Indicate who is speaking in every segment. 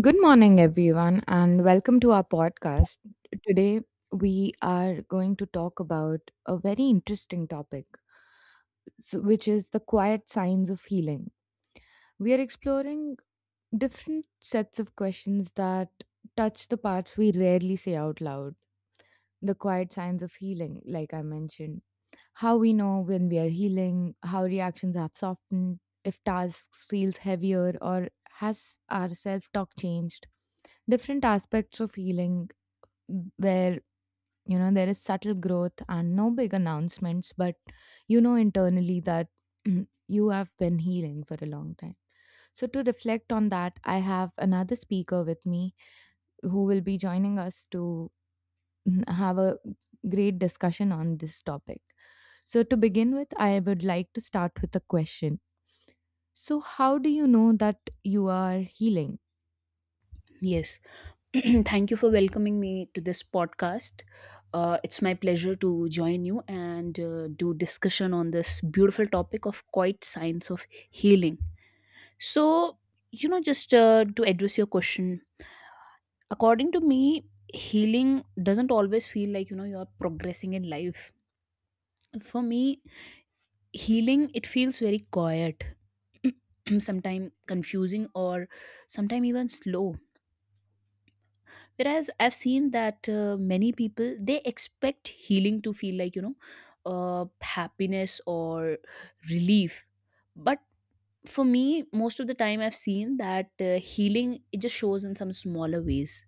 Speaker 1: Good morning, everyone, and welcome to our podcast. Today, we are going to talk about a very interesting topic, which is the quiet signs of healing. We are exploring different sets of questions that touch the parts we rarely say out loud, the quiet signs of healing, like I mentioned how we know when we are healing, how reactions have softened, if tasks feels heavier or has our self-talk changed. Different aspects of healing where there is subtle growth and no big announcements, but you know internally that you have been healing for a long time. So, to reflect on that, I have another speaker with me who will be joining us to have a great discussion on this topic. So, to begin with, I would like to start with a question. So, how do you know that you are healing?
Speaker 2: Yes. Thank you for welcoming me to this podcast. It's my pleasure to join you and do discussion on this beautiful topic of quiet signs of healing. So, just to address your question, according to me, healing doesn't always feel like, you're progressing in life. For me, healing, it feels very quiet, sometimes confusing or sometimes even slow, whereas I've seen that many people, they expect healing to feel like, uh, happiness or relief. But for me, most of the time I've seen that healing, it just shows in some smaller ways.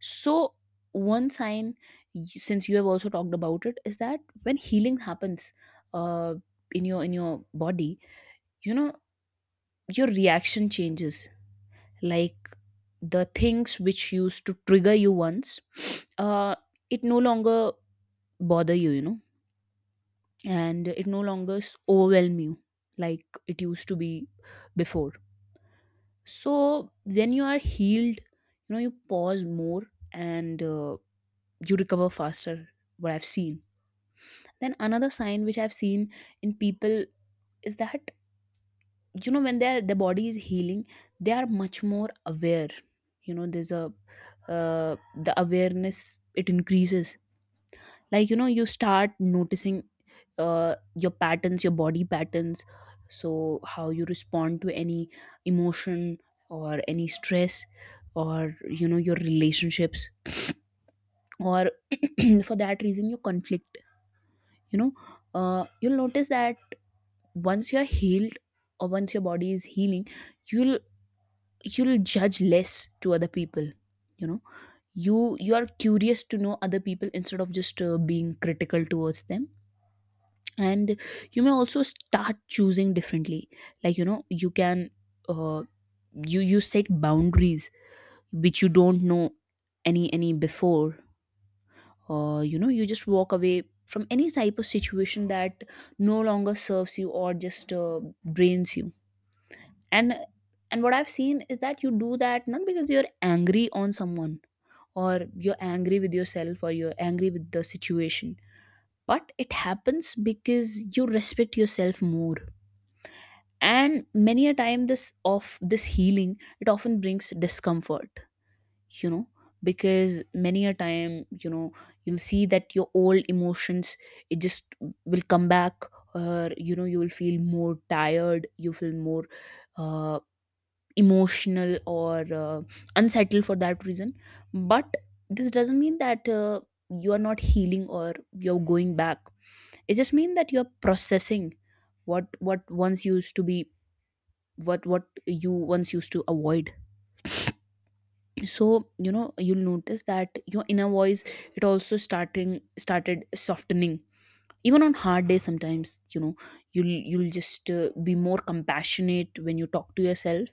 Speaker 2: So one sign, since you have also talked about it, is that when healing happens, uh, in your body, you know your reaction changes. Like, the things which used to trigger you once, uh, it no longer bother you, you know and it no longer overwhelm you like it used to be before. So when you are healed, you pause more and you recover faster, what I've seen. Then another sign which I've seen in people is that, when the body is healing, they are much more aware. There's a uh, the awareness, it increases. Like, you start noticing your patterns, your body patterns. So how you respond to any emotion, or any stress, or your relationships, or for that reason your conflict. you know you'll notice that once you're healed, or once your body is healing, you'll you'll judge less to other people. you know you are curious to know other people instead of just being critical towards them. And you may also start choosing differently. Like, you can uh, you set boundaries which you don't know any before. Or you just walk away from any type of situation that no longer serves you or just drains you. And and what I've seen is that you do that, not because you're angry on someone, or you're angry with yourself, or you're angry with the situation, but it happens because you respect yourself more. And many a time, this healing, it often brings discomfort, you know because many a time, you'll see that your old emotions, it just will come back. Or you will feel more tired, you feel more uh, emotional or unsettled for that reason. But this doesn't mean that you are not healing or you're going back. It just means that you're processing what once used to be, what you once used to avoid. So, you'll notice that your inner voice, it also starting started softening. Even on hard days sometimes, you'll just be more compassionate when you talk to yourself.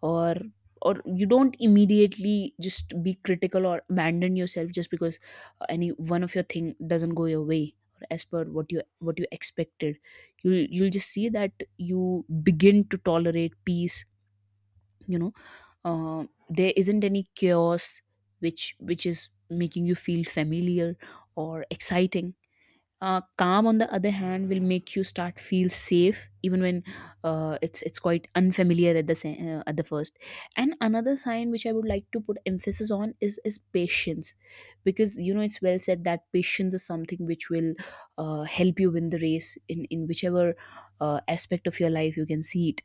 Speaker 2: Or you don't immediately just be critical or abandon yourself just because any one of your thing doesn't go your way or as per what you expected. You'll just see that you begin to tolerate peace. you know uh, there isn't any chaos which is making you feel familiar or exciting. Calm, on the other hand, will make you start feel safe, even when it's quite unfamiliar at the at the first. And another sign which I would like to put emphasis on is patience, because it's well said that patience is something which will help you win the race, in whichever aspect of your life you can see it.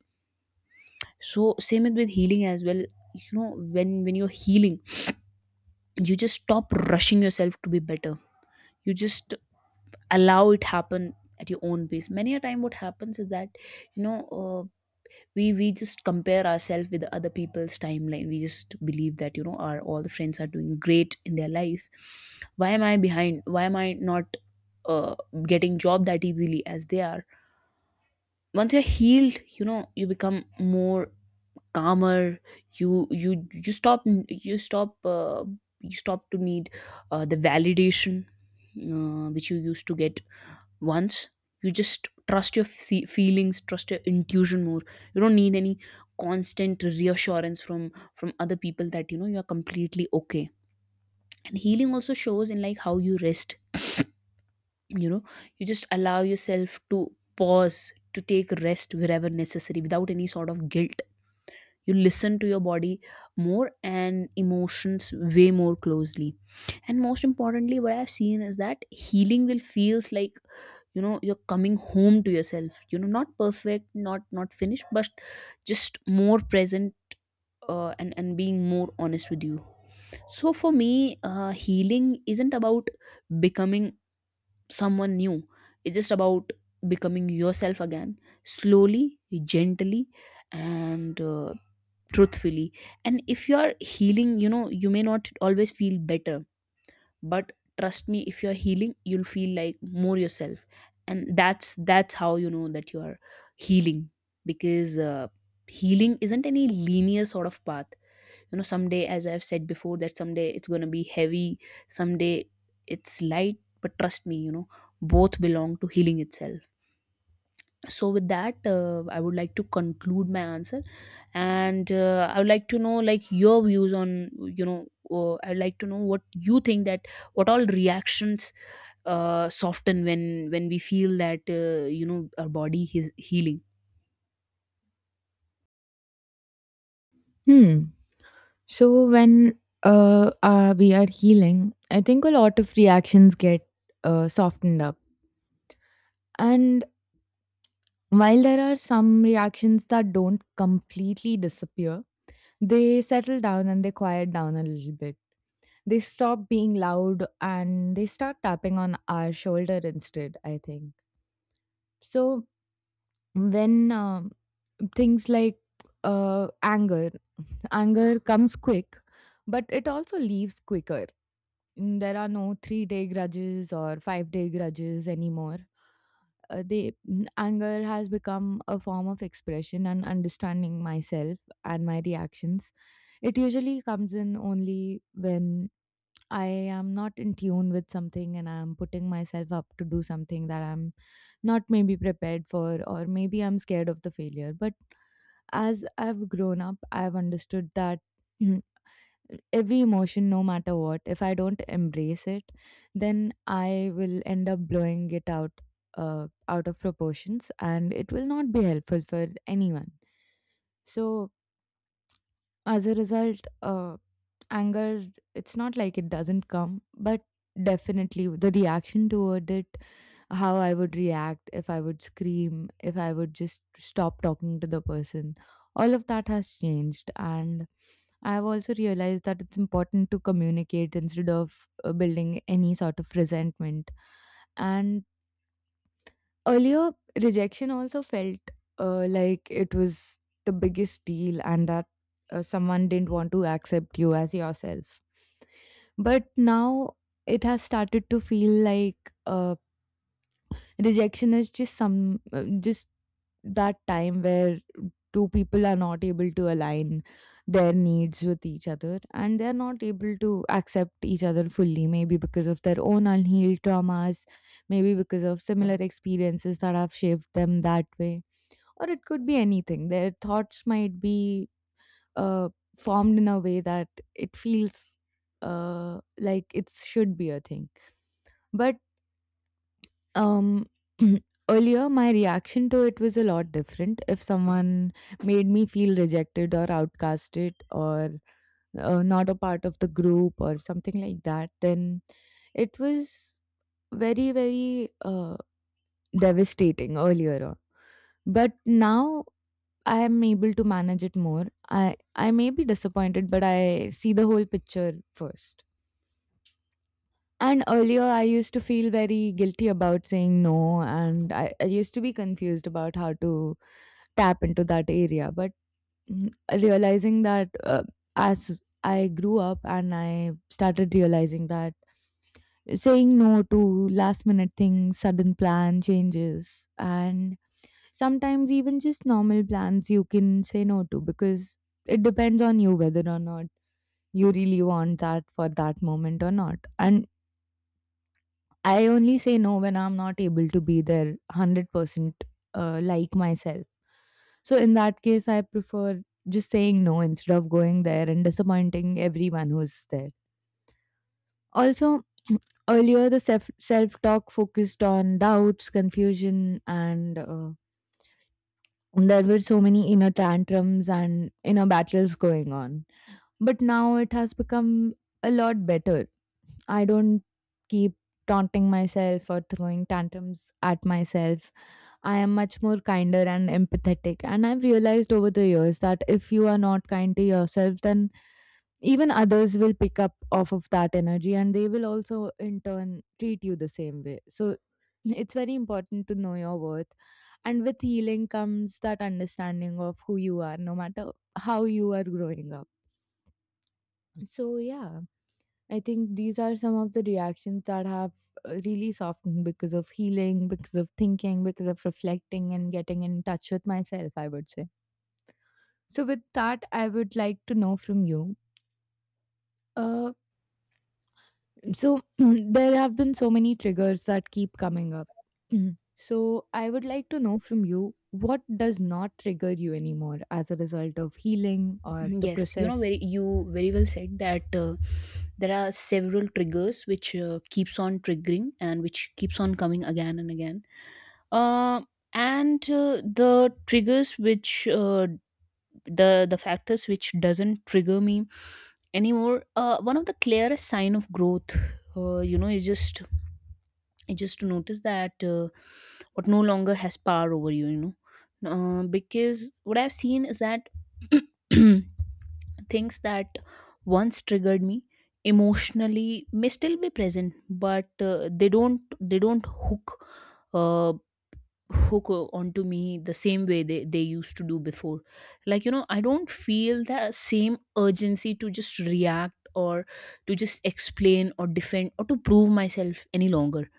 Speaker 2: So same with healing as well. You know when you're healing, you just stop rushing yourself to be better. You just allow it happen at your own pace. Many a time what happens is that, you know uh, we just compare ourselves with other people's timeline. We just believe that, our all the friends are doing great in their life. Why am I behind? Why am I not uh, getting job that easily as they are? Once you're healed, you become more calmer. You stop, you stop uh, you stop to need the validation which you used to get once. You just trust your feelings, trust your intuition more. You don't need any constant reassurance from other people, that you are completely okay. And healing also shows in like how you rest. you know you just allow yourself to pause, to take rest wherever necessary without any sort of guilt. You listen to your body more, and emotions, way more closely. And most importantly, what I've seen is that healing will feels like, you're coming home to yourself. Not perfect, not finished, but just more present, and being more honest with you. So for me, healing isn't about becoming someone new. It's just about becoming yourself again, slowly, gently, and truthfully. And if you are healing, you may not always feel better, but trust me, if you're healing, you'll feel like more yourself. And that's how you know that you are healing, because healing isn't any linear sort of path. Someday, as I've said before, that someday it's going to be heavy, someday it's light, but trust me, both belong to healing itself. So with that, I would like to conclude my answer. And I would like to know, like, your views on, I'd like to know what you think, that what all reactions soften when we feel that, our body is healing.
Speaker 1: Hmm. So when we are healing, I think a lot of reactions get softened up. And while there are some reactions that don't completely disappear, they settle down and they quiet down a little bit. They stop being loud and they start tapping on our shoulder instead, I think. So when things like anger, anger comes quick, but it also leaves quicker. There are no 3-day grudges or 5-day grudges anymore. Anger has become a form of expression and understanding myself and my reactions. It usually comes in only when I am not in tune with something and I'm putting myself up to do something that I'm not maybe prepared for, or maybe I'm scared of the failure. But as I've grown up, I've understood that every emotion, no matter what, if I don't embrace it, then I will end up blowing it out. Out of proportions, and it will not be helpful for anyone. So as a result, anger, it's not like it doesn't come, but definitely the reaction toward it, how I would react, if I would scream, if I would just stop talking to the person, all of that has changed. And I've also realized that it's important to communicate instead of building any sort of resentment. And earlier, rejection also felt like it was the biggest deal, and that someone didn't want to accept you as yourself. But now it has started to feel like rejection is just some just that time where two people are not able to align their needs with each other, and they're not able to accept each other fully, maybe because of their own unhealed traumas, maybe because of similar experiences that have shaped them that way, or it could be anything. Their thoughts might be uh, formed in a way that it feels like it should be a thing. But um, earlier, my reaction to it was a lot different. If someone made me feel rejected or outcasted or not a part of the group or something like that, then it was very, very devastating earlier on. But now I am able to manage it more. I may be disappointed, but I see the whole picture first. And earlier, I used to feel very guilty about saying no, and I used to be confused about how to tap into that area. But realizing that as I grew up and I started realizing that saying no to last minute things, sudden plan changes, and sometimes even just normal plans you can say no to, because it depends on you whether or not you really want that for that moment or not. And I only say no when I'm not able to be there 100% like myself. So in that case, I prefer just saying no instead of going there and disappointing everyone who's there. Also, earlier, the self talk focused on doubts, confusion, and there were so many inner tantrums and inner battles going on. But now it has become a lot better. I don't keep taunting myself or throwing tantrums at myself. I am much more kinder and empathetic. And I've realized over the years that if you are not kind to yourself, then even others will pick up off of that energy, and they will also in turn treat you the same way. So it's very important to know your worth. And with healing comes that understanding of who you are, no matter how you are growing up. So, yeah. I think these are some of the reactions that have really softened, because of healing, because of thinking, because of reflecting and getting in touch with myself, I would say. So, with that, I would like to know from you. Uh, so, there have been so many triggers that keep coming up. Mhm. So, I would like to know from you what does not trigger you anymore as a result of healing or
Speaker 2: Mm-hmm.
Speaker 1: the
Speaker 2: Yes,
Speaker 1: process?
Speaker 2: very you very well said that there are several triggers which keeps on triggering and which keeps on coming again and again. uh, and the triggers which the factors which doesn't trigger me anymore, one of the clearest sign of growth, uh, you know is just is just to notice that, what no longer has power over you, you know because what I've seen is that things that once triggered me emotionally may still be present, but they don't hook uh, onto me the same way they used to do before. Like, I don't feel the same urgency to just react, or to just explain or defend or to prove myself any longer.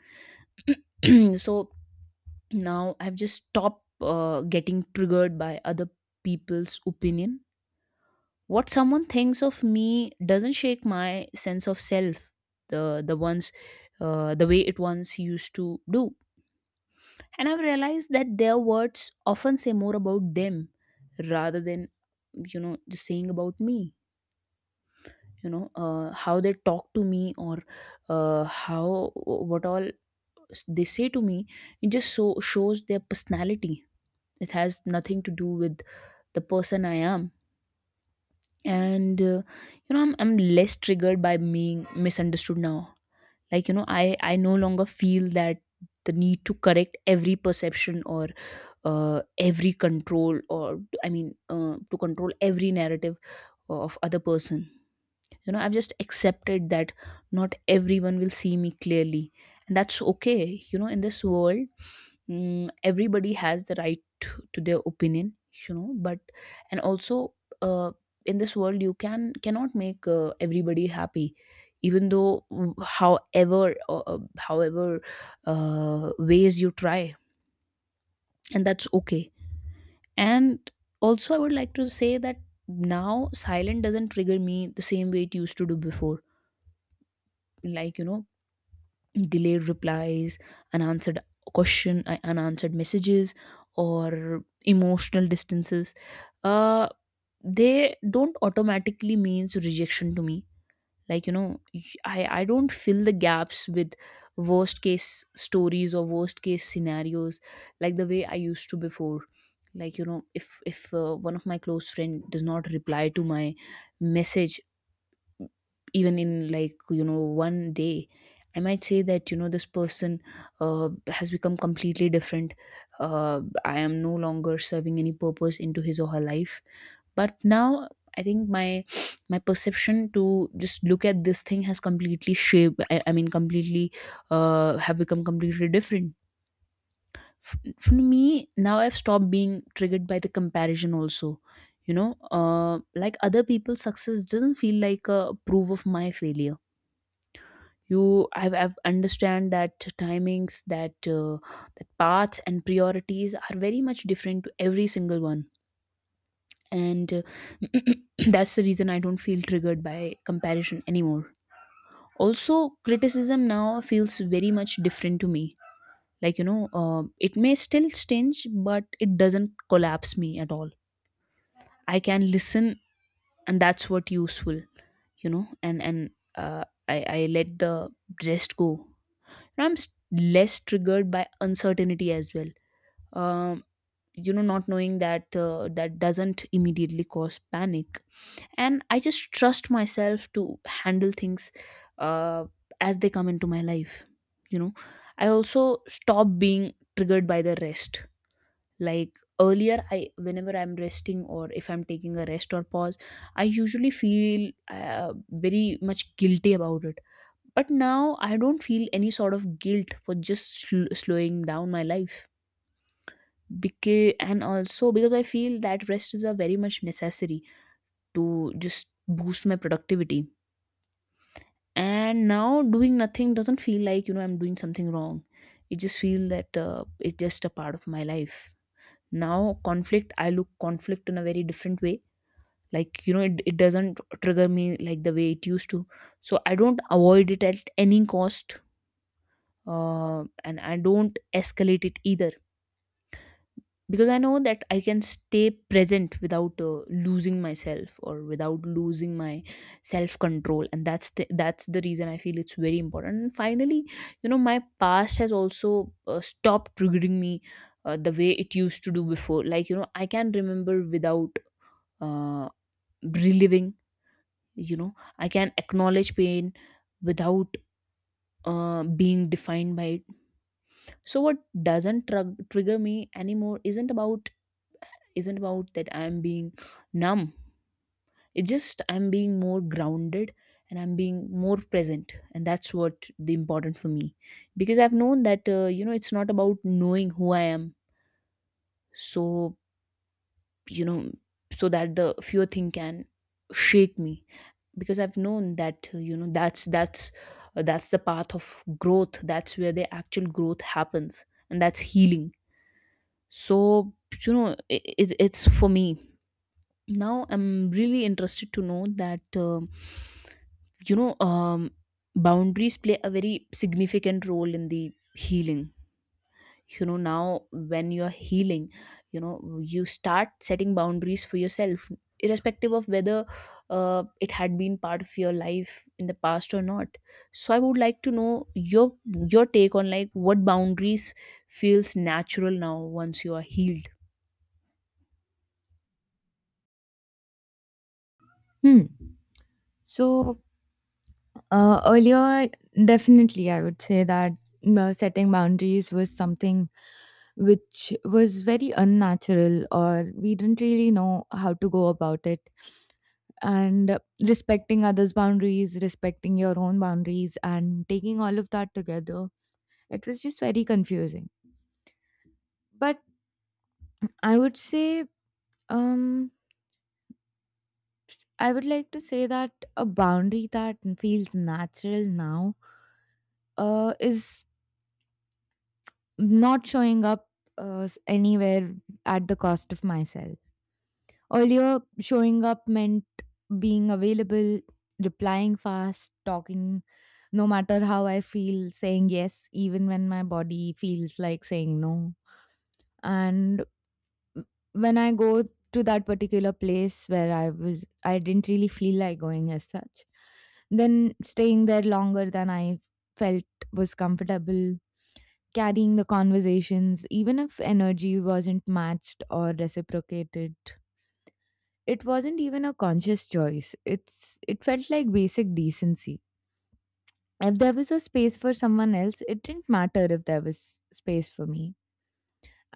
Speaker 2: So now I've just stopped getting triggered by other people's opinion. What someone thinks of me doesn't shake my sense of self the the ones the way it once used to do. And I've realized that their words often say more about them rather than, just saying about me. How they talk to me, or how what all they say to me. It just so shows their personality. It has nothing to do with the person I am. And I'm less triggered by being misunderstood now. Like, I no longer feel that the need to correct every perception, or uh, every control, or I mean, to control every narrative of other person. I've just accepted that not everyone will see me clearly, and that's okay. In this world, everybody has the right to their opinion, but, and also, uh, in this world you can cannot make everybody happy, even though, however ways you try. And that's okay. And also I would like to say that now silent doesn't trigger me the same way it used to do before. Like, delayed replies, unanswered question, unanswered messages, or emotional distances. Uh, they don't automatically means rejection to me. Like, I don't fill the gaps with worst case stories or worst case scenarios, like the way I used to before. Like you know, if one of my close friend does not reply to my message even in one day. I might say that you know this person has become completely different. I am no longer serving any purpose into his or her life. But now I think my perception to just look at this thing has completely shaped I mean completely have become completely different. For me now I've stopped being triggered by the comparison also. you know uh, like other people's success doesn't feel like a proof of my failure. I've understand that timings that that paths and priorities are very much different to every single one. And That's the reason I don't feel triggered by comparison anymore. Also criticism now feels very much different to me. Like you know, it may still stinge but it doesn't collapse me at all. I can listen, and that's what useful, you know. And I let the rest go, and less triggered by uncertainty as well. um you know, not knowing that that doesn't immediately cause panic, and I just trust myself to handle things, uh, as they come into my life, you know. I also stop being triggered by the rest. Like earlier I, whenever I'm resting or if I'm taking a rest or pause, I usually feel uh, very much guilty about it. But now I don't feel any sort of guilt for just slowing down my life. Because, and also because I feel that rest is a very much necessary to just boost my productivity. And now doing nothing doesn't feel like, you know, I'm doing something wrong. It just feel that it's just a part of my life. Now conflict, I look conflict in a very different way. Like, you know, it doesn't trigger me like the way it used to. So I don't avoid it at any cost, and I don't escalate it either, because I know that I can stay present without losing myself or without losing my self control, and that's the reason I feel it's very important. And finally, you know, my past has also stopped triggering me the way it used to do before. Like you know, I can remember without uh, reliving. You know, I can acknowledge pain without being defined by it. So what doesn't trug trigger me anymore isn't about that I'm being numb. It's just I'm being more grounded, and I'm being more present, and that's what the important for me. Because I've known that you know, it's not about knowing who I am. So, you know, so that the fear thing can shake me, because I've known that that's the path of growth, that's where the actual growth happens, and that's healing. So, you know, it's for me now. I'm really interested to know that you know um, boundaries play a very significant role in the healing. You know, now when you're healing, you know you start setting boundaries for yourself, irrespective of whether it had been part of your life in the past or not. So I would like to know your take on like what boundaries feels natural now once you are healed.
Speaker 1: Hmm. So, earlier, definitely, I would say that setting boundaries was something which was very unnatural, or we didn't really know how to go about it. And respecting others' boundaries, respecting your own boundaries, and taking all of that together, it was just very confusing. But I would say, um, I would like to say that a boundary that feels natural now is not showing up anywhere at the cost of myself. Earlier, showing up meant being available, replying fast, talking no matter how I feel, saying yes, even when my body feels like saying no. And when I go to that particular place where I was, I didn't really feel like going as such, then staying there longer than I felt was comfortable, carrying the conversations, even if energy wasn't matched or reciprocated. It wasn't even a conscious choice. It felt like basic decency. If there was a space for someone else, it didn't matter if there was space for me.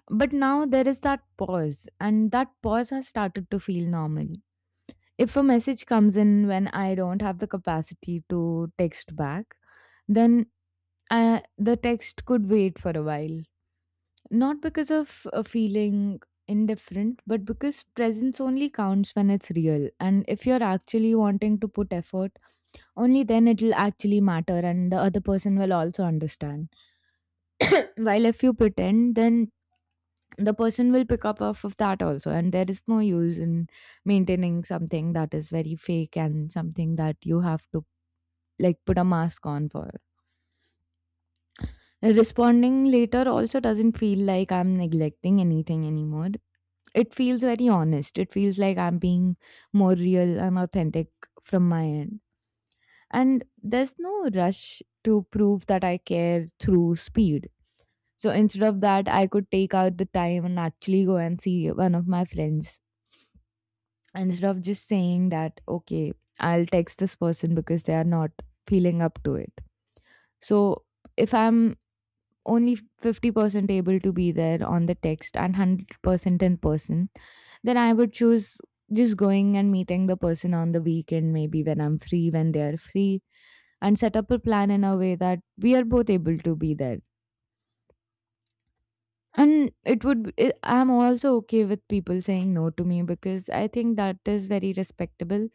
Speaker 1: But now there is that pause, and that pause has started to feel normal. If a message comes in when I don't have the capacity to text back, then the text could wait for a while. Not because of feeling indifferent, but because presence only counts when it's real. And if you're actually wanting to put effort, only then it'll actually matter, and the other person will also understand. While if you pretend, then the person will pick up off of that also, and there is no use in maintaining something that is very fake and something that you have to like put a mask on for. Responding later also doesn't feel like I'm neglecting anything anymore. It feels very honest. It feels like I'm being more real and authentic from my end. And there's no rush to prove that I care through speed. So instead of that, I could take out the time and actually go and see one of my friends instead of just saying that, okay, I'll text this person because they are not feeling up to it. So if I'm only 50% able to be there on the text and 100% in person, then I would choose just going and meeting the person on the weekend, maybe when I'm free, when they're free, and set up a plan in a way that we are both able to be there. And it would, I I'm also okay with people saying no to me, because I think that is very respectable.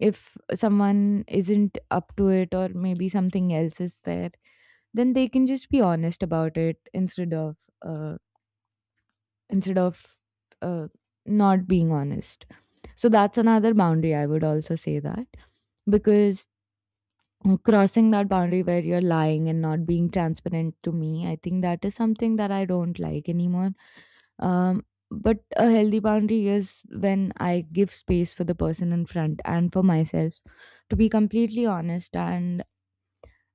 Speaker 1: If someone isn't up to it or maybe something else is there, then they can just be honest about it instead of uh, instead of uh, not being honest. So that's another boundary I would also say, that because crossing that boundary where you're lying and not being transparent to me, I think that is something that I don't like anymore. But a healthy boundary is when I give space for the person in front and for myself to be completely honest and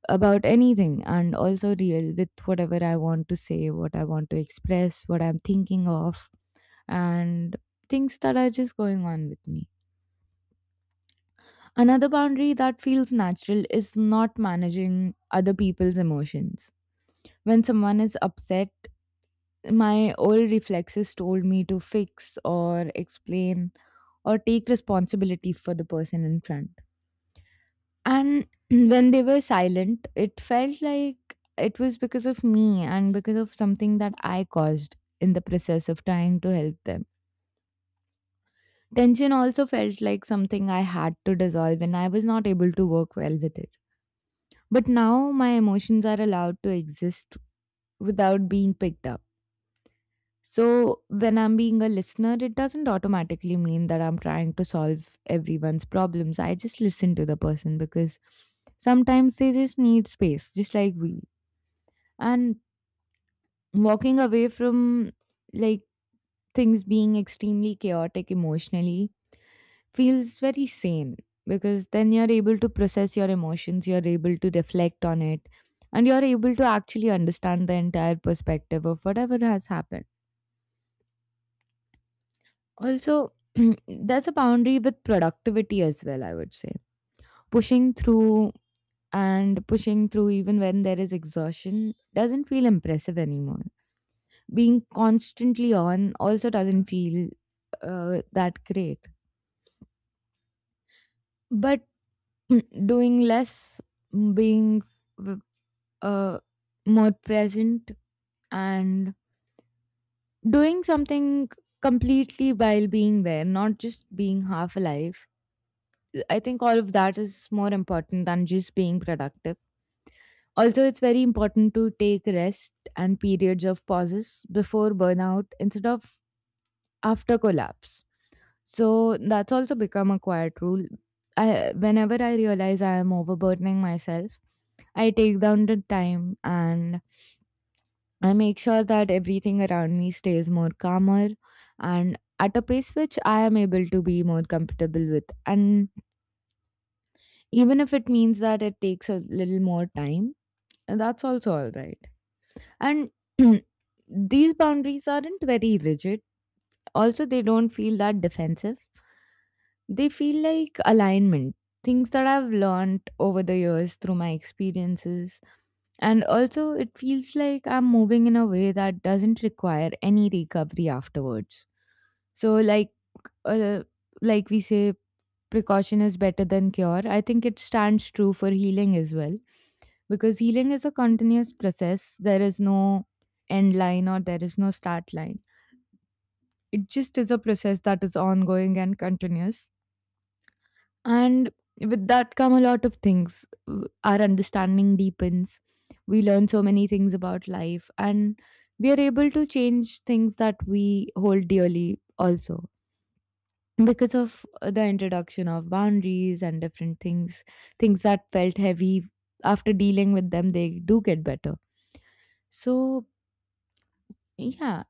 Speaker 1: about anything, and also real with whatever I want to say, what I want to express, what I'm thinking of and things that are just going on with me. Another boundary that feels natural is not managing other people's emotions. When someone is upset, my old reflexes told me to fix or explain or take responsibility for the person in front. And when they were silent, it felt like it was because of me and because of something that I caused in the process of trying to help them. Tension also felt like something I had to dissolve, and I was not able to work well with it. But now my emotions are allowed to exist without being picked up. So, when I'm being a listener, it doesn't automatically mean that I'm trying to solve everyone's problems. I just listen to the person because sometimes they just need space, just like we. And walking away from, like, things being extremely chaotic emotionally feels very sane, because then you're able to process your emotions, you're able to reflect on it, and you're able to actually understand the entire perspective of whatever has happened. Also, there's a boundary with productivity as well, I would say. Pushing through and pushing through even when there is exhaustion doesn't feel impressive anymore. Being constantly on also doesn't feel that great. But doing less, being uh, more present and doing something completely while being there, not just being half alive. I think all of that is more important than just being productive. Also, it's very important to take rest and periods of pauses before burnout instead of after collapse. So that's also become a quiet rule. Whenever I realize I am overburdening myself, I take down the time and I make sure that everything around me stays more calmer and at a pace which I am able to be more comfortable with. And even if it means that it takes a little more time, that's also all right. And these boundaries aren't very rigid, also, they don't feel that defensive. They feel like alignment, things that I've learned over the years through my experiences. And also, it feels like I'm moving in a way that doesn't require any recovery afterwards. So, uh, like we say, precaution is better than cure. I think it stands true for healing as well, because healing is a continuous process. There is no end line or there is no start line. It just is a process that is ongoing and continuous. And with that come a lot of things. Our understanding deepens. We learn so many things about life, and we are able to change things that we hold dearly also, because of the introduction of boundaries and different things that felt heavy, after dealing with them they do get better. So, yeah,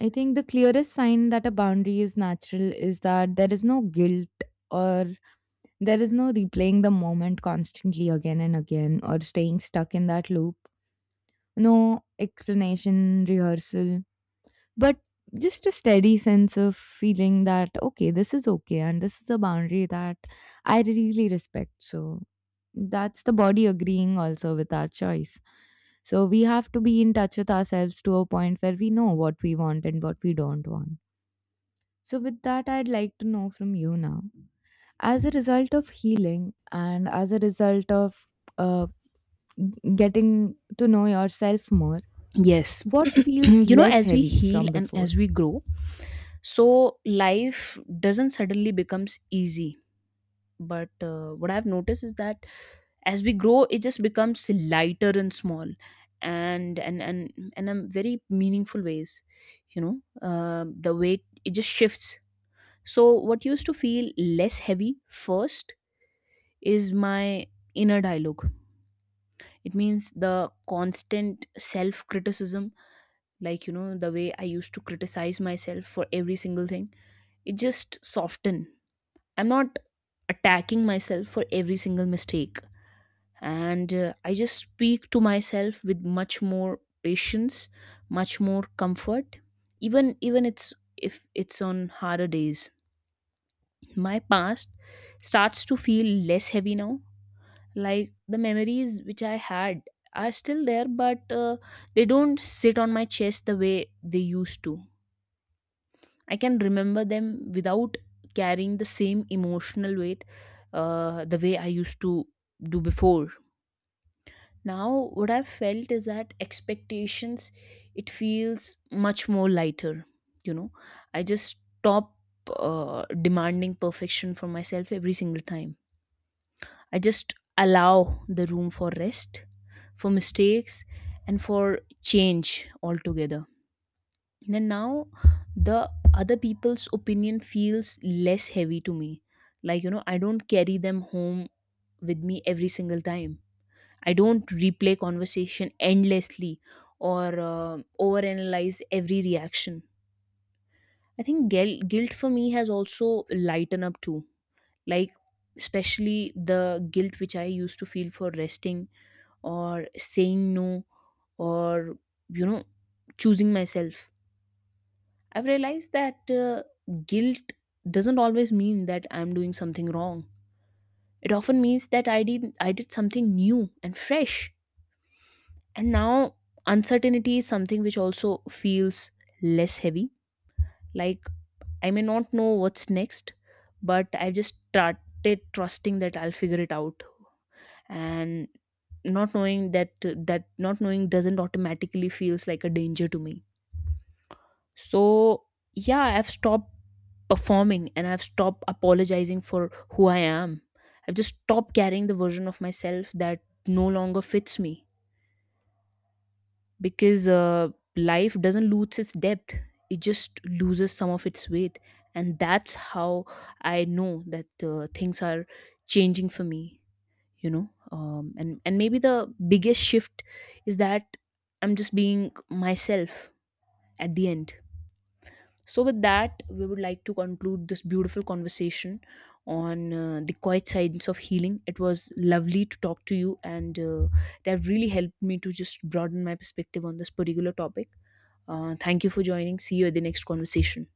Speaker 1: I think the clearest sign that a boundary is natural is that there is no guilt, or there is no replaying the moment constantly again and again or staying stuck in that loop. No explanation, rehearsal, but just a steady sense of feeling that, okay, this is okay, and this is a boundary that I really respect. So that's the body agreeing also with our choice. So we have to be in touch with ourselves to a point where we know what we want and what we don't want. So, with that, I'd like to know from you now, as a result of healing and as a result of uh, getting to know yourself more,
Speaker 2: Yes.
Speaker 1: what feels
Speaker 2: You know,
Speaker 1: less
Speaker 2: as we
Speaker 1: heavy
Speaker 2: heal
Speaker 1: from
Speaker 2: and
Speaker 1: before?
Speaker 2: as we grow, so life doesn't suddenly becomes easy. But what I've noticed is that as we grow, it just becomes lighter and small, and in very meaningful ways. You know, the weight it just shifts. So what used to feel less heavy first is my inner dialogue. It means the constant self criticism. Like you know, the way I used to criticize myself for every single thing, it just soften. I'm not attacking myself for every single mistake, and I just speak to myself with much more patience, much more comfort, even it's if it's on harder days. My past starts to feel less heavy now. Like the memories which I had are still there, but they don't sit on my chest the way they used to. I can remember them without carrying the same emotional weight, the way I used to do before. Now, what I've felt is that expectations, it feels much more lighter. You know, I just stop demanding perfection from myself every single time. I just allow the room for rest, for mistakes, and for change altogether. And now the other people's opinion feels less heavy to me. Like, you know, I don't carry them home with me every single time. I don't replay conversation endlessly or overanalyze every reaction. I think guilt for me has also lightened up too. Like, especially the guilt which I used to feel for resting or saying no or, you know, choosing myself. I've realized that guilt doesn't always mean that I'm doing something wrong. It often means that I did something new and fresh. And now uncertainty is something which also feels less heavy. Like I may not know what's next, but I've just started trusting that I'll figure it out. And not knowing that that not knowing doesn't automatically feels like a danger to me. So yeah, I've stopped performing and I've stopped apologizing for who I am. I've just stopped carrying the version of myself that no longer fits me, because life doesn't lose its depth, it just loses some of its weight. And that's how I know that things are changing for me, you know. And maybe the biggest shift is that I'm just being myself at the end. So, with that, we would like to conclude this beautiful conversation on the quiet science of healing. It was lovely to talk to you, and it really helped me to just broaden my perspective on this particular topic. Thank you for joining. See you at the next conversation.